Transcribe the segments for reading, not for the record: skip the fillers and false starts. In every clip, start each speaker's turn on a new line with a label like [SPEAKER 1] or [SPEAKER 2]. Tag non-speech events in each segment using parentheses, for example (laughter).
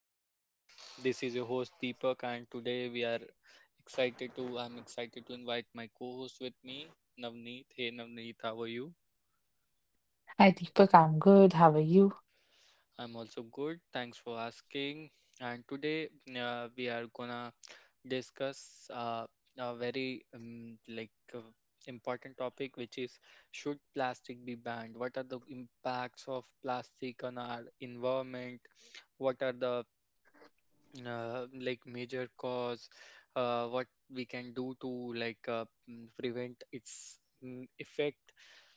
[SPEAKER 1] Uh, this is your host Deepak, and today we are excited to I'm excited to invite my co-host with me, Navneet. Hey, Navneet, how are you?
[SPEAKER 2] Hi, Deepak. I'm good. How are you?
[SPEAKER 1] I'm also good. Thanks for asking. And today we are gonna discuss a very important topic, which is, should plastic be banned? What are the impacts of plastic on our environment? What are the like major cause, what we can do to prevent its effect.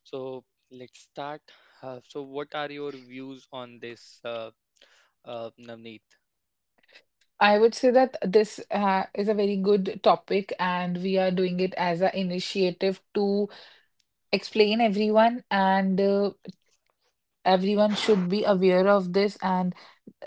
[SPEAKER 1] So let's start. So what are your views on this, Navneet?
[SPEAKER 2] I would say that this is a very good topic, and we are doing it as an initiative to explain everyone, and everyone should be aware of this. And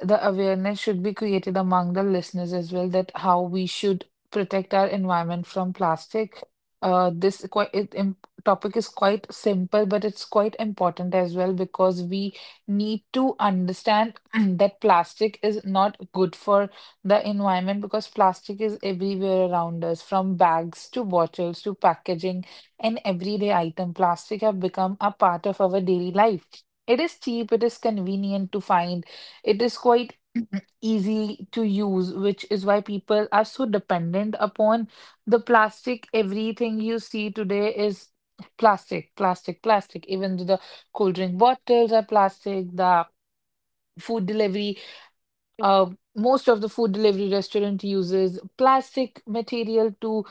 [SPEAKER 2] the awareness should be created among the listeners as well that how we should protect our environment from plastic. This quite it, im- Topic is quite simple, but it's quite important as well because we need to understand (clears throat) that plastic is not good for the environment because plastic is everywhere around us, from bags to bottles to packaging and everyday item. Plastic have become a part of our daily life. It is cheap, it is convenient to find, it is quite (clears throat) easy to use, which is why people are so dependent upon the plastic. Everything you see today is plastic, plastic, plastic. Even the cold drink bottles are plastic, the food delivery, uh, most of the food delivery restaurant uses plastic material to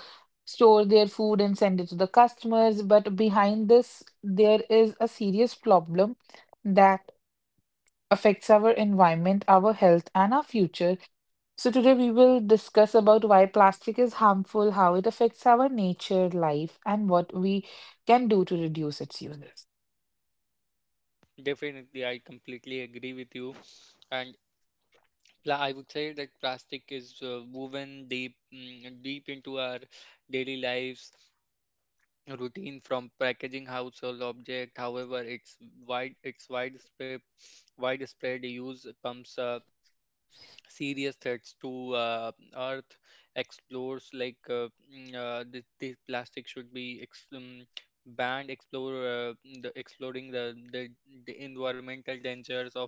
[SPEAKER 2] store their food and send it to the customers. But behind this, there is a serious problem that affects our environment, our health, and our future. So today we will discuss about why plastic is harmful, how it affects our nature, life, and what we can do to reduce its uses.
[SPEAKER 1] Definitely, I completely agree with you. And I would say that plastic is woven deep into our daily lives routine, from packaging household object. However, its wide its widespread widespread use comes serious threats to Earth. Explores this plastic should be banned. Explore the exploring the environmental dangers of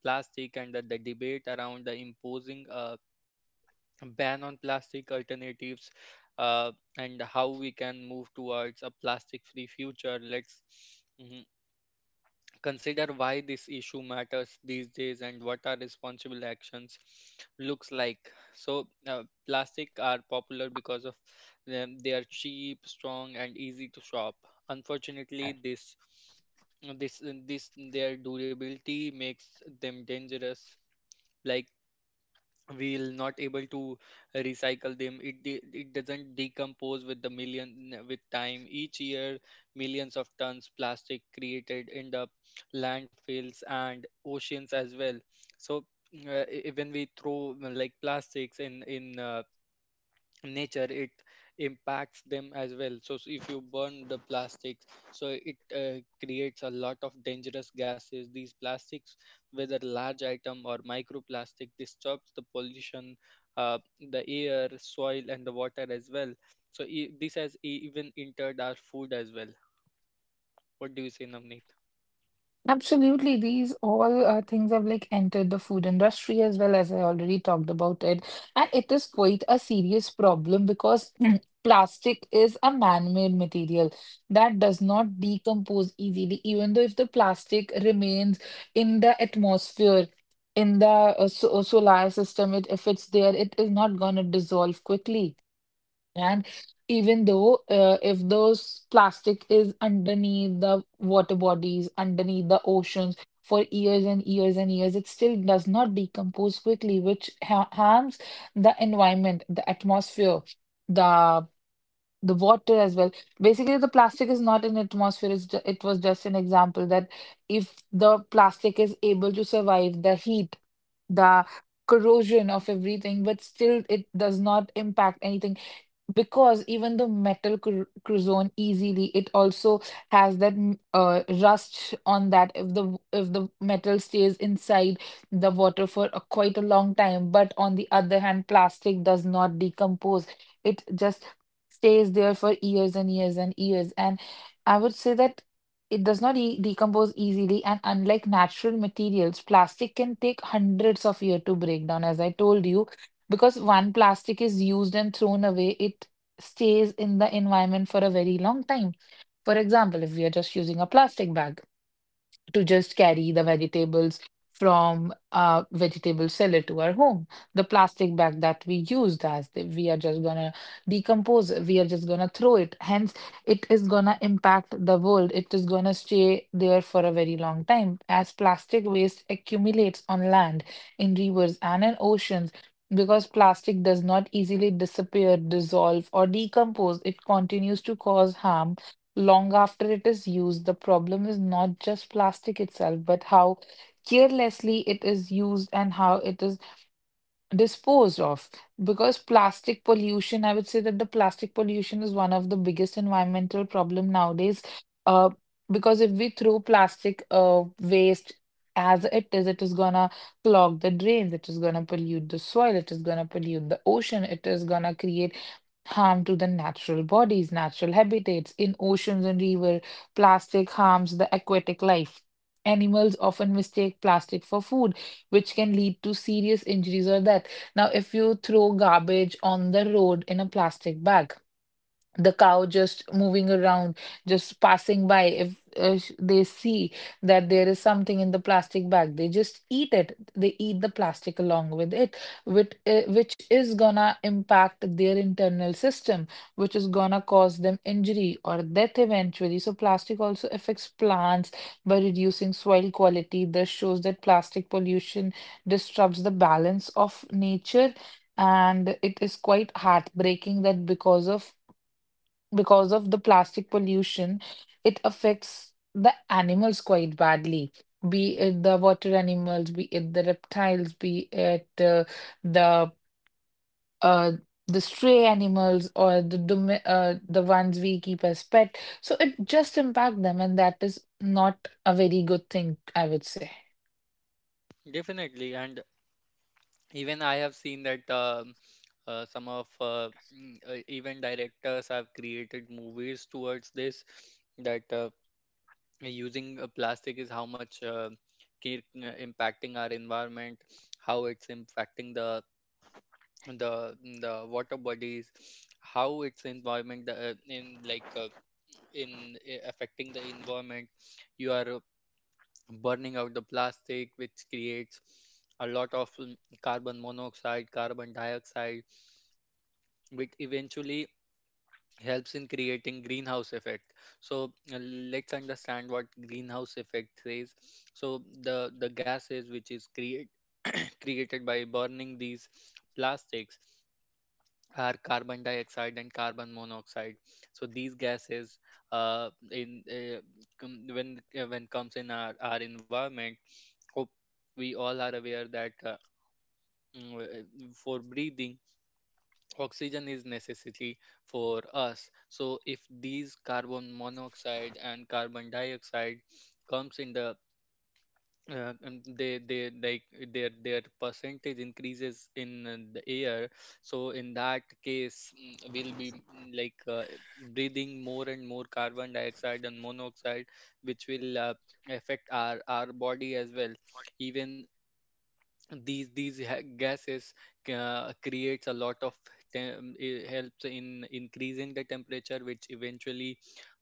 [SPEAKER 1] plastic, and the debate around the imposing ban on plastic alternatives, uh, and how we can move towards a plastic free future. Let's mhm, consider why this issue matters these days and what our responsible actions looks like. So plastic are popular because of them. They are cheap, strong and easy to shop. Unfortunately, this this their durability makes them dangerous. Like, we'll not able to recycle them. It doesn't decompose with time. Each year millions of tons plastic created end up landfills and oceans as well. So when we throw like plastics in nature, it impacts them as well. So, if you burn the plastics, so it creates a lot of dangerous gases. These plastics, whether large item or microplastic, disturbs the pollution, uh, the air, soil and the water as well. So even entered our food as well. What do you say, Namneet?
[SPEAKER 2] Absolutely, these all things have like entered the food industry as well as I already talked about it, and it is quite a serious problem because (clears throat) plastic is a man-made material that does not decompose easily. Even though if the plastic remains in the atmosphere, in the solar system, it if it's there, it is not gonna dissolve quickly. And even though if those plastic is underneath the water bodies, underneath the oceans for years and years and years, it still does not decompose quickly, which ha harms the environment, the atmosphere, the the water as well. Basically, the plastic is not in atmosphere. It's ju it was just an example that if the plastic is able to survive the heat, the corrosion of everything, but still it does not impact anything, because even the metal cruzone easily, it also has that rust on that if the if the metal stays inside the water for a, quite a long time. But on the other hand, plastic does not decompose, it just stays there for years and years and years. And I would say that it does not decompose easily, and unlike natural materials, plastic can take hundreds of years to break down. As I told you, because one plastic is used and thrown away, it stays in the environment for a very long time. For example, if we are just using a plastic bag to just carry the vegetables from a vegetable seller to our home. The plastic bag that we used as the, we are just gonna decompose, we are just gonna throw it. Hence, it is gonna impact the world. It is gonna stay there for a very long time. As plastic waste accumulates on land, in rivers and in oceans, because plastic does not easily disappear, dissolve, or decompose, it continues to cause harm long after it is used. The problem is not just plastic itself, but how carelessly it is used and how it is disposed of. Because plastic pollution, I would say that the plastic pollution is one of the biggest environmental problem nowadays. Uh, because if we throw plastic waste as it is gonna clog the drains, it is gonna pollute the soil, it is gonna pollute the ocean, it is gonna create harm to the natural bodies, natural habitats in oceans and river. Plastic harms the aquatic life. Animals often mistake plastic for food, which can lead to serious injuries or death. Now, if you throw garbage on the road in a plastic bag, the cow just moving around, just passing by, if they see that there is something in the plastic bag, they just eat it, they eat the plastic along with it, which is gonna impact their internal system, which is gonna cause them injury or death eventually. So plastic also affects plants by reducing soil quality. This shows that plastic pollution disrupts the balance of nature, and it is quite heartbreaking that because of the plastic pollution, it affects the animals quite badly. Be it the water animals, be it the reptiles, be it the uh, the stray animals or the the ones we keep as pet. So it just impact them, and that is not a very good thing, I would say.
[SPEAKER 1] Definitely. And even I have seen that some of even directors have created movies towards this, that using plastic is how much impacting our environment, how it's impacting the the water bodies, how it's environment the, in like in affecting the environment. You are burning out the plastic, which creates a lot of carbon monoxide, carbon dioxide, which eventually helps in creating greenhouse effect. So let's understand what greenhouse effect is. So the gases which is create, (clears throat) created by burning these plastics are carbon dioxide and carbon monoxide. So these gases uh, in uh, when comes in our environment, hope we all are aware that for breathing, oxygen is necessity for us. So if these carbon monoxide and carbon dioxide comes in the they like their percentage increases in the air, so in that case we'll be breathing more and more carbon dioxide and monoxide, which will affect our body as well. Even these gases creates a lot of it helps in increasing the temperature, which eventually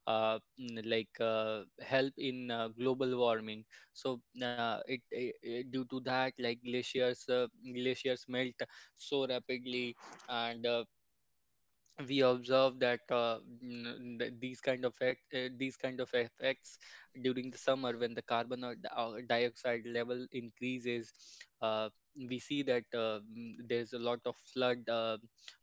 [SPEAKER 1] help in global warming. So it due to that like glaciers melt so rapidly. And we observe that these kind of effects during the summer, when the dioxide level increases, uh, we see that there is a lot of flood, uh,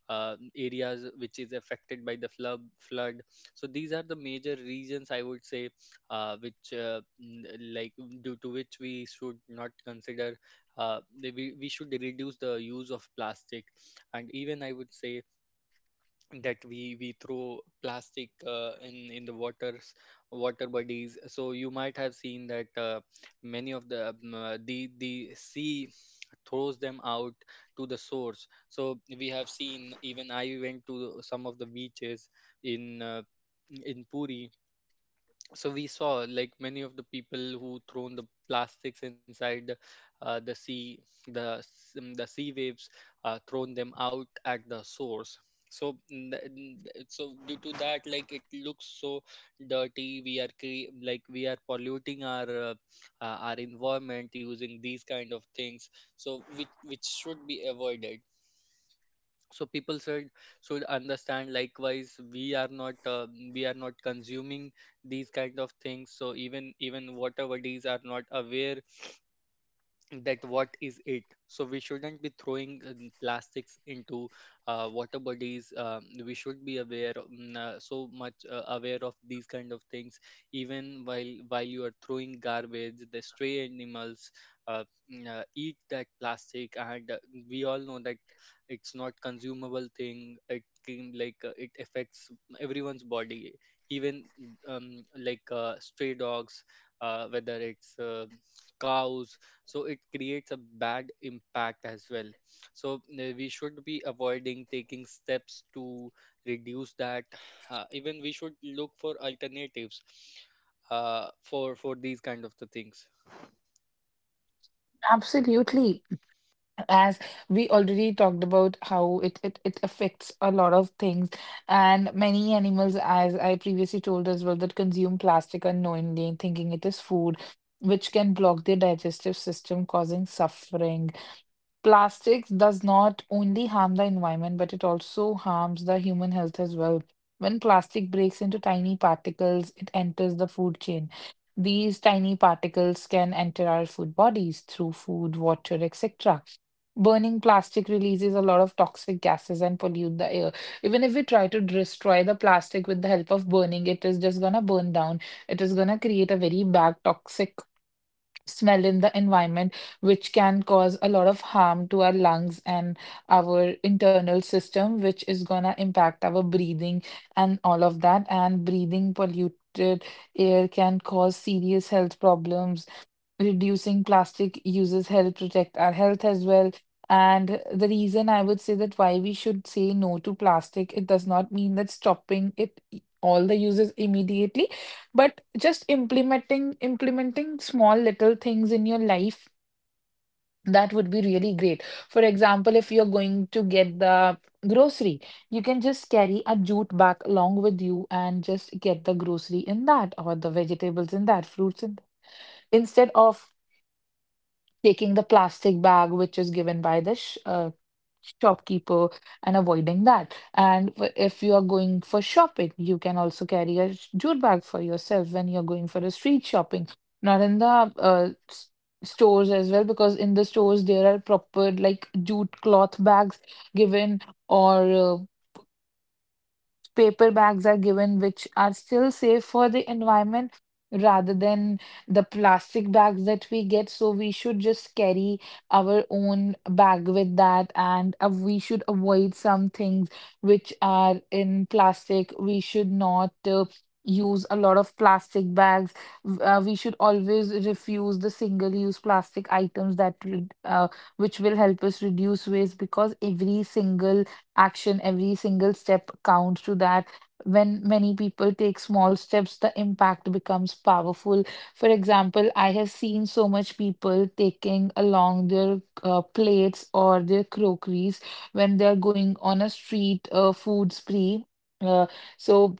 [SPEAKER 1] uh, areas which is affected by the flood. So these are the major reasons I would say, which mm, like due to which we should not consider, uh, we should reduce the use of plastic. And even I would say that we throw plastic in the water bodies. So you might have seen that many of the the sea throws them out to the source. So we have seen, even I went to some of the beaches in uh, in Puri. So we saw, like, many of the people who thrown the plastics inside the sea. The the sea waves thrown them out at the source. So so due to that, like, it looks so dirty. Like, we are polluting our environment using these kind of things, so which should be avoided. So people should understand likewise. We are not we are not consuming these kind of things. So even, even water bodies are not aware that what is it. So we shouldn't be throwing plastics into water bodies. We should be aware, so much aware of these kind of things. Even while you are throwing garbage, the stray animals uh, eat that plastic. And we all know that it's not consumable thing. It can, it affects everyone's body. Even stray dogs, whether it's cows, so it creates a bad impact as well. So we should be avoiding, taking steps to reduce that. Even we should look for alternatives, for these kind of the things.
[SPEAKER 2] Absolutely. As we already talked about how it affects a lot of things and many animals, as I previously told as well, that consume plastic unknowingly thinking it is food, which can block their digestive system, causing suffering. Plastics does not only harm the environment, but it also harms the human health as well. When plastic breaks into tiny particles, it enters the food chain. These tiny particles can enter our food bodies through food, water, etc. Burning plastic releases a lot of toxic gases and pollute the air. Even if we try to destroy the plastic with the help of burning, it is just gonna burn down. It is gonna create a very bad toxic smell in the environment, which can cause a lot of harm to our lungs and our internal system, which is gonna impact our breathing and all of that. And breathing polluted air can cause serious health problems. Reducing plastic uses help protect our health as well. And the reason I would say that why we should say no to plastic, it does not mean that stopping all the uses immediately, but just implementing small little things in your life, that would be really great. For example, if you're going to get the grocery, you can just carry a jute bag along with you and just get the grocery in that, or the vegetables in that, fruits in that, instead of taking the plastic bag which is given by the sh shopkeeper and avoiding that. And if you are going for shopping, you can also carry a jute bag for yourself when you're going for a street shopping, not in the stores as well, because in the stores there are proper like jute cloth bags given, or paper bags are given, which are still safe for the environment rather than the plastic bags that we get. So we should just carry our own bag with that, and we should avoid some things which are in plastic. We should not. Use a lot of plastic bags. We should always refuse the single use plastic items that would, which will help us reduce waste, because every single action, every single step counts to that. When many people take small steps, the impact becomes powerful. For example, I have seen so much people taking along their plates or their crockeries when they're going on a street food spree. Uh, so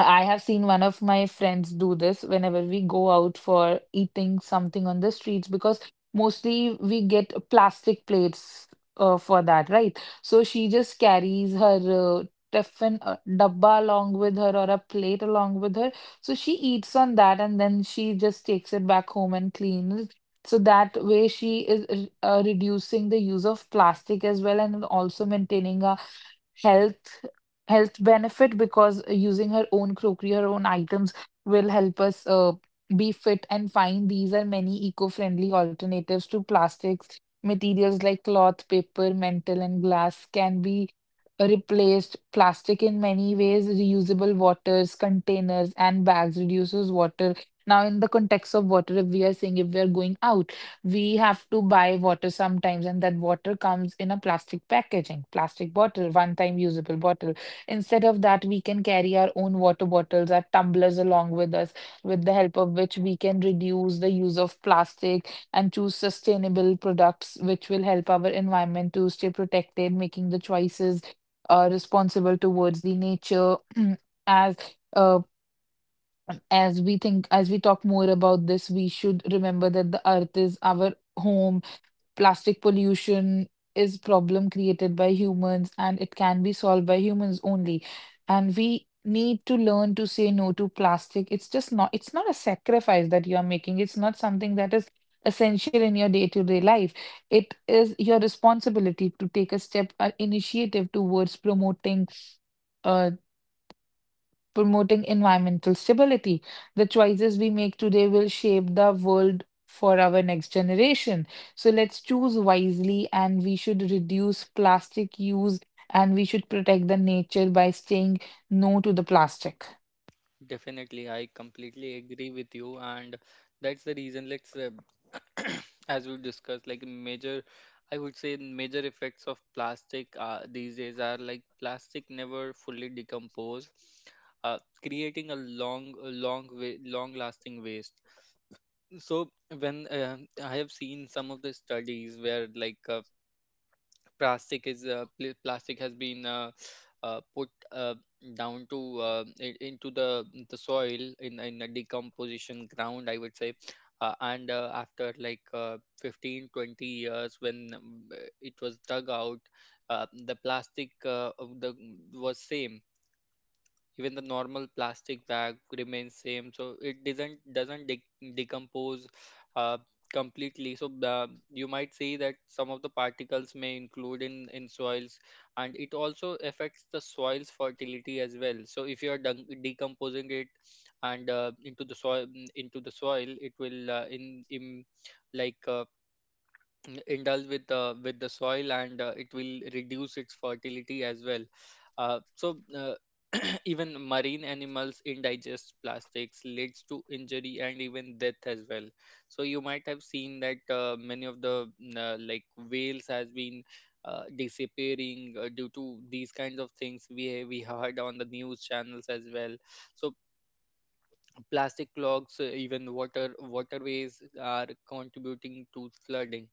[SPEAKER 2] I have seen one of my friends do this whenever we go out for eating something on the streets, because mostly we get plastic plates for that, right? So she just carries her tiffin dabba along with her, or a plate along with her. So she eats on that and then she just takes it back home and cleans it. So that way she is reducing the use of plastic as well, and also maintaining a health health benefit, because using her own crockery, her own items will help us be fit and fine. These are many eco-friendly alternatives to plastics. Materials like cloth, paper, metal, and glass can be replaced. Plastic in many ways, reusable waters, containers, and bags reduces water. Now, in the context of water, if we are saying if we are going out, we have to buy water sometimes, and that water comes in a plastic packaging, plastic bottle, one-time usable bottle. Instead of that, we can carry our own water bottles, our tumblers along with us, with the help of which we can reduce the use of plastic and choose sustainable products, which will help our environment to stay protected, making the choices responsible towards the nature. (clears throat) As uh, as we think, as we talk more about this, we should remember that the earth is our home. Plastic pollution is problem created by humans, and it can be solved by humans only. And we need to learn to say no to plastic. It's just not, it's not a sacrifice that you are making, it's not something that is essential in your day-to-day life. It is your responsibility to take a step or initiative towards uh, promoting environmental stability. The choices we make today will shape the world for our next generation. So let's choose wisely and we should reduce plastic use and we should protect the nature by saying no to the plastic.
[SPEAKER 1] Definitely, I completely agree with you, and that's the reason. Let's, (coughs) (clears throat) as we discussed, like major, I would say major effects of plastic these days are like, plastic never fully decompose, creating long-lasting waste. So when I have seen some of the studies where plastic has been put down to into the soil in a decomposition ground, I would say. And After like 15 20 years, when it was dug out, the plastic of the was same. Even the normal plastic bag remains same. So it doesn't decompose uh, completely. So you might see that some of the particles may include in soils, and it also affects the soil's fertility as well. So if you are decomposing it and into the soil into the soil, it will like uh, indulge with the soil, and it will reduce its fertility as well. uh, so uh, (clears throat) Even marine animals indigest plastics, leads to injury and even death as well. So you might have seen that many of the like whales has been disappearing due to these kinds of things. We heard on the news channels as well. So plastic clogs, even waterways are contributing to flooding.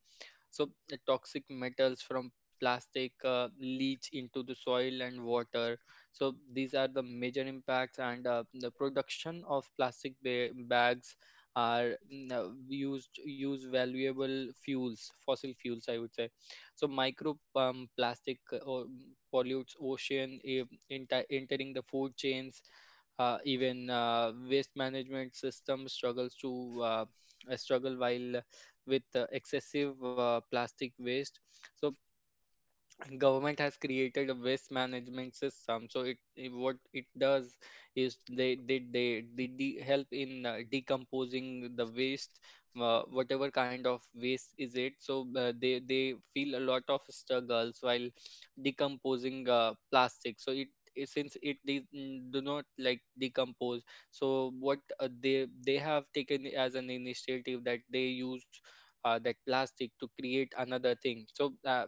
[SPEAKER 1] So the toxic metals from plastic leach into the soil and water. So these are the major impacts. And the production of bags are use valuable fuels, fossil fuels I would say. So micro plastic pollutes ocean, entering the food chains. Even waste management system struggle while with excessive plastic waste. So government has created a waste management system. So what it does is they help in decomposing the waste, whatever kind of waste is it. So they feel a lot of struggles while decomposing plastic. So since it do not like decompose. So what they have taken as an initiative, that they use that plastic to create another thing. So uh,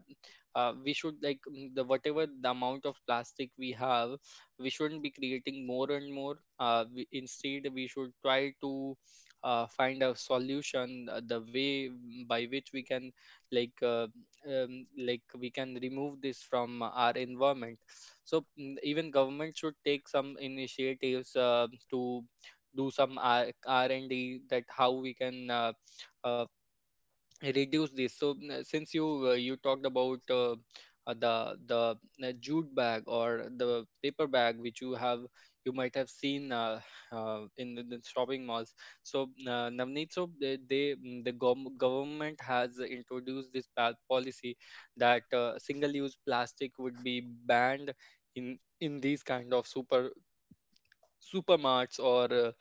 [SPEAKER 1] uh, we should, like, the, whatever the amount of plastic we have, we shouldn't be creating more and more. Instead, we should try to find a solution, the way by which we can like uh, like, we can remove this from our environment. So even government should take some initiatives to do some R&D, that how we can uh, reduce this. So since you talked about the jute bag or the paper bag, which you have, you might have seen in the shopping malls. So Navneet, so they mm, the gov- government has introduced this policy that single use plastic would be banned in these kind of supermarts or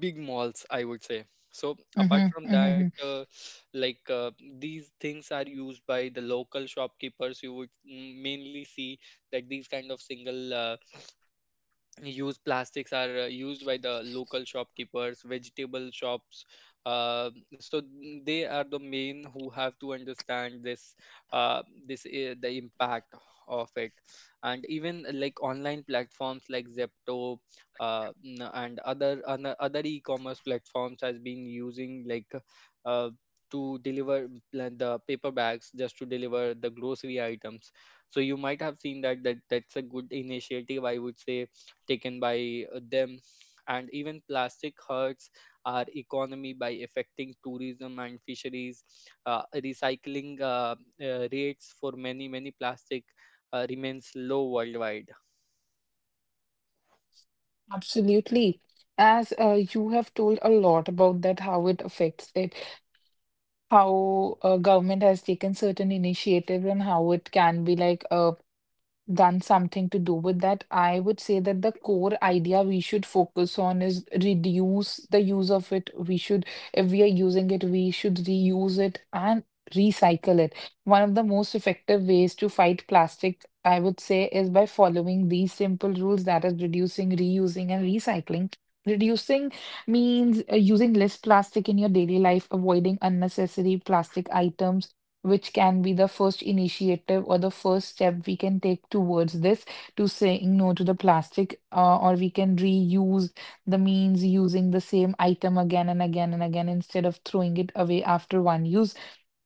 [SPEAKER 1] big malls, I would say. So apart
[SPEAKER 2] hmm
[SPEAKER 1] from that,
[SPEAKER 2] hmm
[SPEAKER 1] like uh, these things are used by the local shopkeepers. You would mainly see that these kind of single used plastics are used by the local shopkeepers, vegetable shops. They are the main who have to understand this, this The impact of it. And even like online platforms like Zepto, and other e-commerce platforms has been using uh, to deliver the paper bags just to deliver the grocery items. So you might have seen that that's a good initiative, I would say, taken by them. And even plastic hurts our economy by affecting tourism and fisheries. Recycling rates for many, many plastic remains low worldwide.
[SPEAKER 2] Absolutely. As you have told a lot about that, how it affects it, how government has taken certain initiatives and how it can be like done something to do with that, I would say that the core idea we should focus on is reduce the use of it. If we are using it, we should reuse it and recycle it. One of the most effective ways to fight plastic, I would say, is by following these simple rules that is reducing, reusing, and recycling. Reducing means using less plastic in your daily life, avoiding unnecessary plastic items, which can be the first initiative or the first step we can take towards this to saying no to the plastic, or we can reuse the means using the same item again and again and again instead of throwing it away after one use.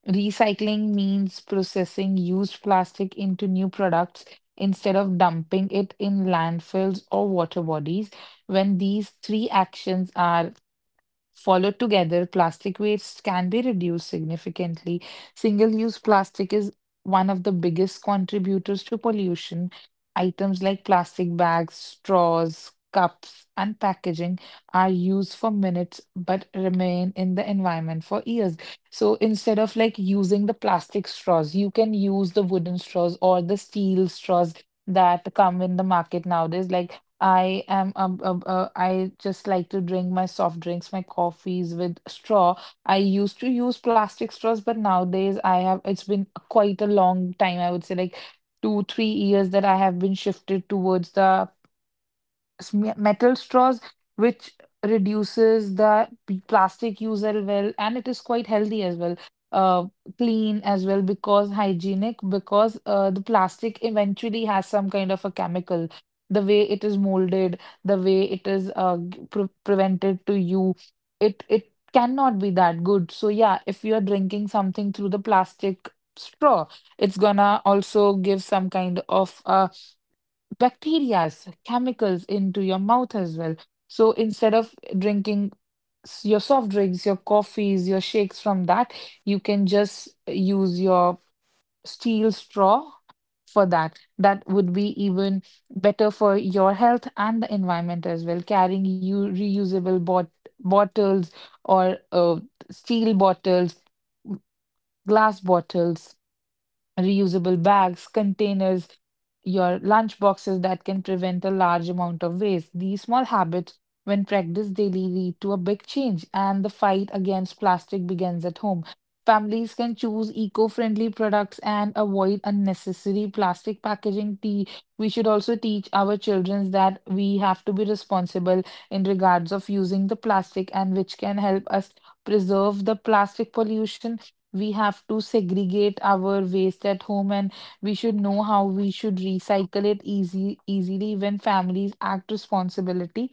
[SPEAKER 2] Recycling means processing used plastic into new products instead of dumping it in landfills or water bodies. When these three actions are followed together, plastic waste can be reduced significantly. Single-use plastic is one of the biggest contributors to pollution. Items like plastic bags, straws, cups, and packaging are used for minutes but remain in the environment for years. So instead of like using the plastic straws, you can use the wooden straws or the steel straws that come in the market nowadays. Like I am I just like to drink my soft drinks, my coffees with straw. I used to use plastic straws, but nowadays I have it's been quite a long time, I would say like 2, 3 years that I have been shifted towards the metal straws, which reduces the plastic use as well, and it is quite healthy as well. Uh, Clean as well because hygienic because the plastic eventually has some kind of a chemical. The way it is molded, the way it is prevented to you, it cannot be that good. So yeah, if you are drinking something through the plastic straw, it's gonna also give some kind of bacteria's chemicals into your mouth as well. So instead of drinking your soft drinks, your coffees, your shakes from that, you can just use your steel straw for that. That would be even better for your health and the environment as well. Carrying you reusable bottles or steel bottles, glass bottles, reusable bags, containers, your lunch boxes that can prevent a large amount of waste. These small habits, when practiced daily, lead to a big change, and the fight against plastic begins at home. Families can choose eco friendly products and avoid unnecessary plastic packaging. Tea. We should also teach our children that we have to be responsible in regards of using the plastic and which can help us preserve the plastic pollution. We have to segregate our waste at home and we should know how we should recycle it easy easily. When families act responsibility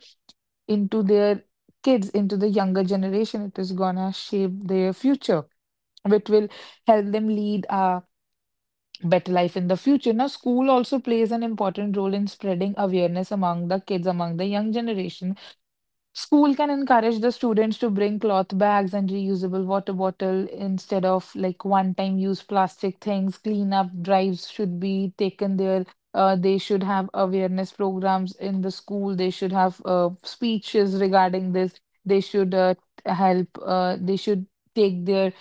[SPEAKER 2] into their kids, into the younger generation, it is gonna shape their future which will help them lead a better life in the future. Now, school also plays an important role in spreading awareness among the kids, among the young generation. School can encourage the students to bring cloth bags and reusable water bottle instead of like one-time use plastic things. Cleanup drives should be taken there. They should have awareness programs in the school. They should have speeches regarding this. They should help. They should take their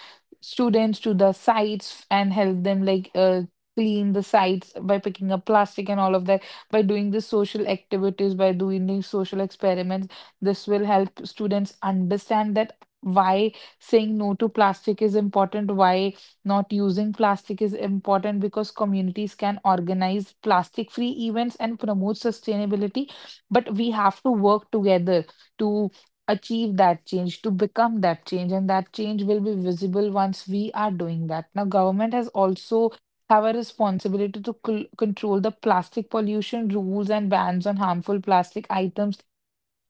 [SPEAKER 2] students to the sites and help them like clean the sites by picking up plastic and all of that. By doing the social activities, by doing these social experiments, this will help students understand that why saying no to plastic is important, why not using plastic is important, because communities can organize plastic free events and promote sustainability. But we have to work together to achieve that change, to become that change, and that change will be visible once we are doing that. Now government has also have a responsibility to control the plastic pollution. Rules and bans on harmful plastic items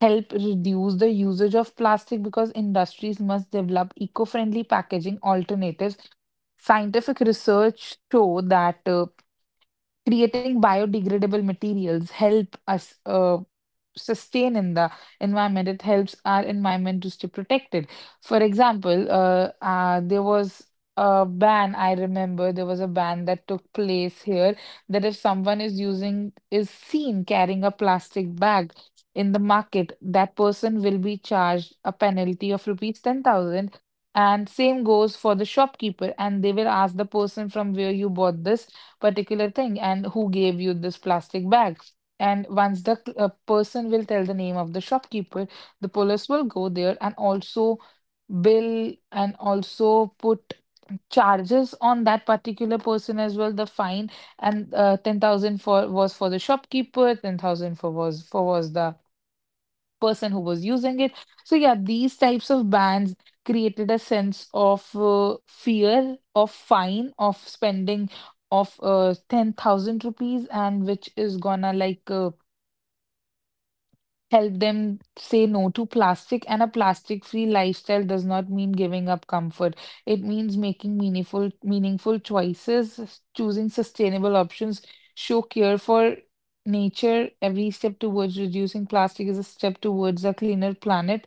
[SPEAKER 2] help reduce the usage of plastic because industries must develop eco-friendly packaging alternatives. Scientific research show that creating biodegradable materials help us sustain in the environment. It helps our environment to stay protected. For example, there was a ban. I remember there was a ban that took place here that if someone is using is seen carrying a plastic bag in the market, that person will be charged a penalty of rupees 10,000. And same goes for the shopkeeper, and they will ask the person from where you bought this particular thing and who gave you this plastic bag. And once the person will tell the name of the shopkeeper, the police will go there and also bill and also put charges on that particular person as well, the fine. And 10,000 for was for the shopkeeper, 10,000 for was the person who was using it. So yeah, these types of bans created a sense of fear of fine of spending of 10,000 rupees and which is gonna like help them say no to plastic, and a plastic-free lifestyle does not mean giving up comfort. It means making meaningful choices, choosing sustainable options, show care for nature. Every step towards reducing plastic is a step towards a cleaner planet.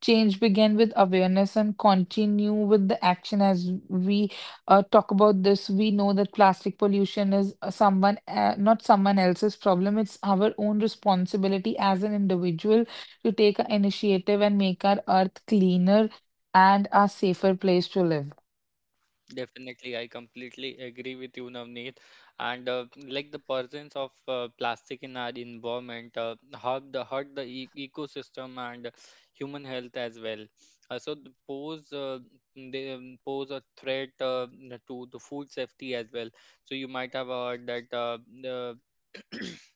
[SPEAKER 2] Change begin with awareness and continue with the action. As we talk about this, we know that plastic pollution is not someone else's problem. It's our own responsibility as an individual to take an initiative and make our earth cleaner and a safer place to live.
[SPEAKER 1] Definitely, I completely agree with you, Navneet. And like the presence of plastic in our environment hurt the e ecosystem and human health as well. So they pose a threat to the food safety as well. So you might have heard that the (clears throat)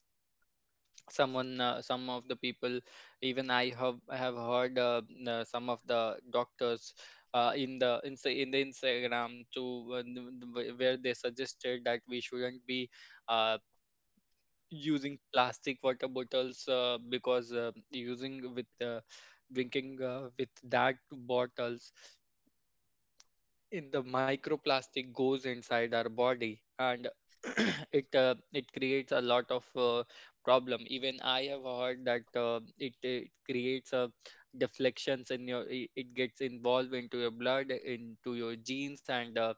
[SPEAKER 1] some of the people. Even I have heard some of the doctors in the Instagram to n- n- wh- where they suggested that we shouldn't be uh, using plastic water bottles because using with drinking with that bottles, in the microplastic goes inside our body, and (clears throat) it creates a lot of problem. Even I have heard that it creates deflections in your it gets involved into your blood, into your genes, and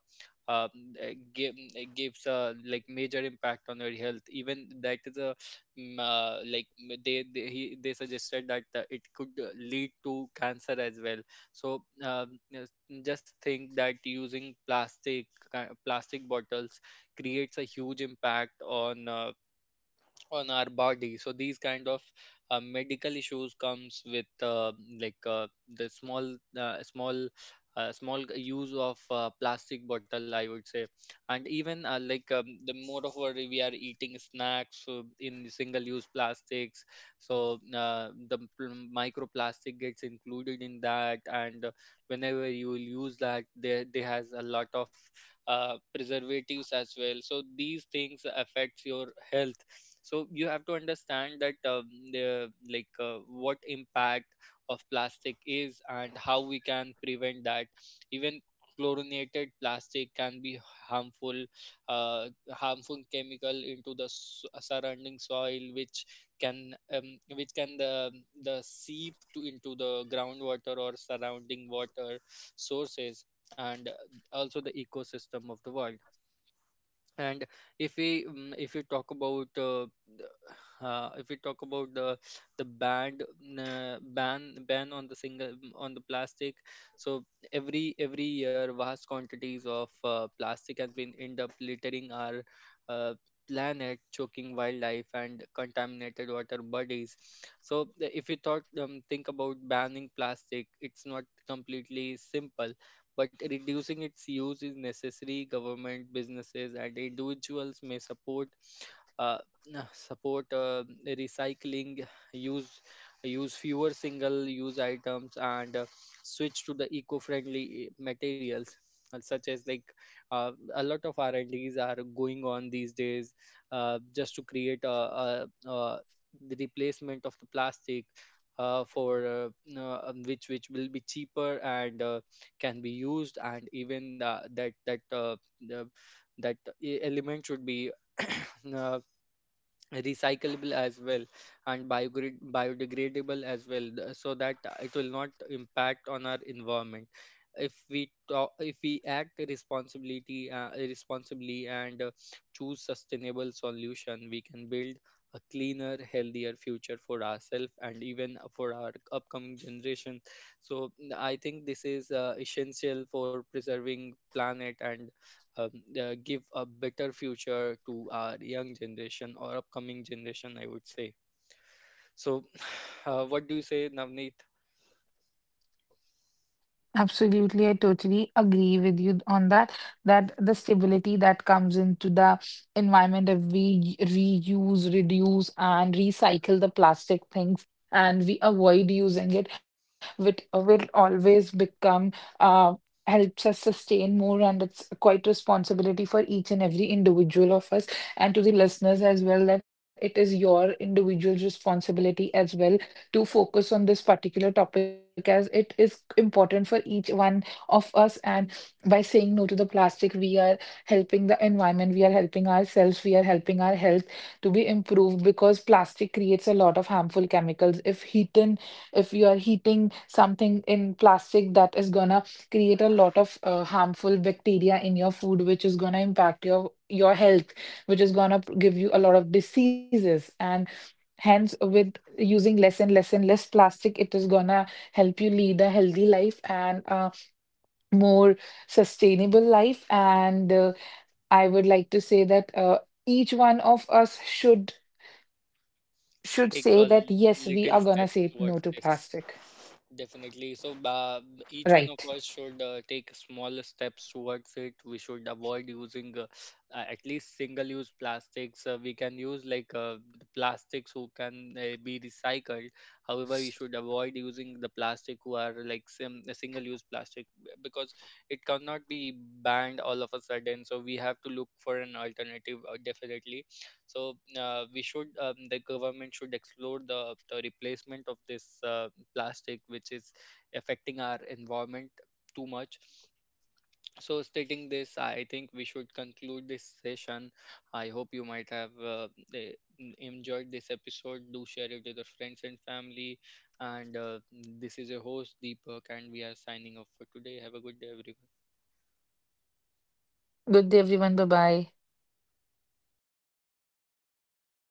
[SPEAKER 1] um, it gives a like major impact on your health. Even that is a like they suggested that it could lead to cancer as well. So just think that using plastic bottles creates a huge impact on our body. So these kind of medical issues comes with like uh, the small use of plastic bottle, I would say. And even the more of what we are eating snacks in single use plastics, so microplastic gets included in that, and whenever you will use that, there has a lot of preservatives as well. So these things affects your health, so you have to understand that the like what impact of plastic is and how we can prevent that. Even chlorinated plastic can be harmful uh, harmful chemical into the surrounding soil, which can the seep to into the groundwater or surrounding water sources, and also the ecosystem of the world. And if we mm, if we talk about the- if we talk about the banned ban on the on the plastic. So every year, vast quantities of plastic has been end up littering our uh, planet, choking wildlife and contaminated water bodies. So if you thought think about banning plastic, it's not completely simple, but reducing its use is necessary. Government, businesses, and individuals may support uh, (sniffs) support recycling, use use fewer single-use items, and switch to the eco-friendly materials. Such as a lot of R&Ds are going on these days, just to create a the replacement of the plastic for which will be cheaper and can be used. And even that element should be (clears throat) uh, recyclable as well, and biodegradable as well, so that it will not impact on our environment. If we act responsibility responsibly and choose sustainable solution, we can build a cleaner, healthier future for ourselves and even for our upcoming generation. So I think this is essential for preserving planet, and um, give a better future to our young generation or upcoming generation, I would say. So, (sighs) what do you say, Navneet?
[SPEAKER 2] Absolutely, I totally agree with you on that. That the stability that comes into the environment if we reuse, reduce, and recycle the plastic things and we avoid using it, which will always become uh helps us sustain more, and it's quite responsibility for each and every individual of us and to the listeners as well that it is your individual responsibility as well to focus on this particular topic as it is important for each one of us. And by saying no to the plastic, we are helping the environment, we are helping ourselves, we are helping our health to be improved because plastic creates a lot of harmful chemicals. If heating, if you are heating something in plastic, that is gonna create a lot of harmful bacteria in your food which is gonna impact your health, which is gonna give you a lot of diseases. And hence with using less and less and less plastic, it is gonna help you lead a healthy life and more sustainable life. And I would like to say that each one of us should
[SPEAKER 1] Take a
[SPEAKER 2] say that yes, we
[SPEAKER 1] little
[SPEAKER 2] are gonna
[SPEAKER 1] steps
[SPEAKER 2] say
[SPEAKER 1] towards
[SPEAKER 2] no to
[SPEAKER 1] this.
[SPEAKER 2] plastic.
[SPEAKER 1] Definitely. So, each one of
[SPEAKER 2] Right.
[SPEAKER 1] us should take small steps towards it. We should avoid using at least single-use plastics. We can use the plastics who can be recycled. However, we should avoid using the plastic who are like sim single-use plastic, because it cannot be banned all of a sudden. So we have to look for an alternative, definitely. So we should the government should explore the replacement of this. Plastic which is affecting our environment too much. So, stating this, I think we should conclude this session. I hope you might have eh, enjoyed this episode. Do share it with your friends and family. And this is your host Deepak, and we are signing off for today. Have a good day, everyone.
[SPEAKER 2] Good day, everyone. Bye bye.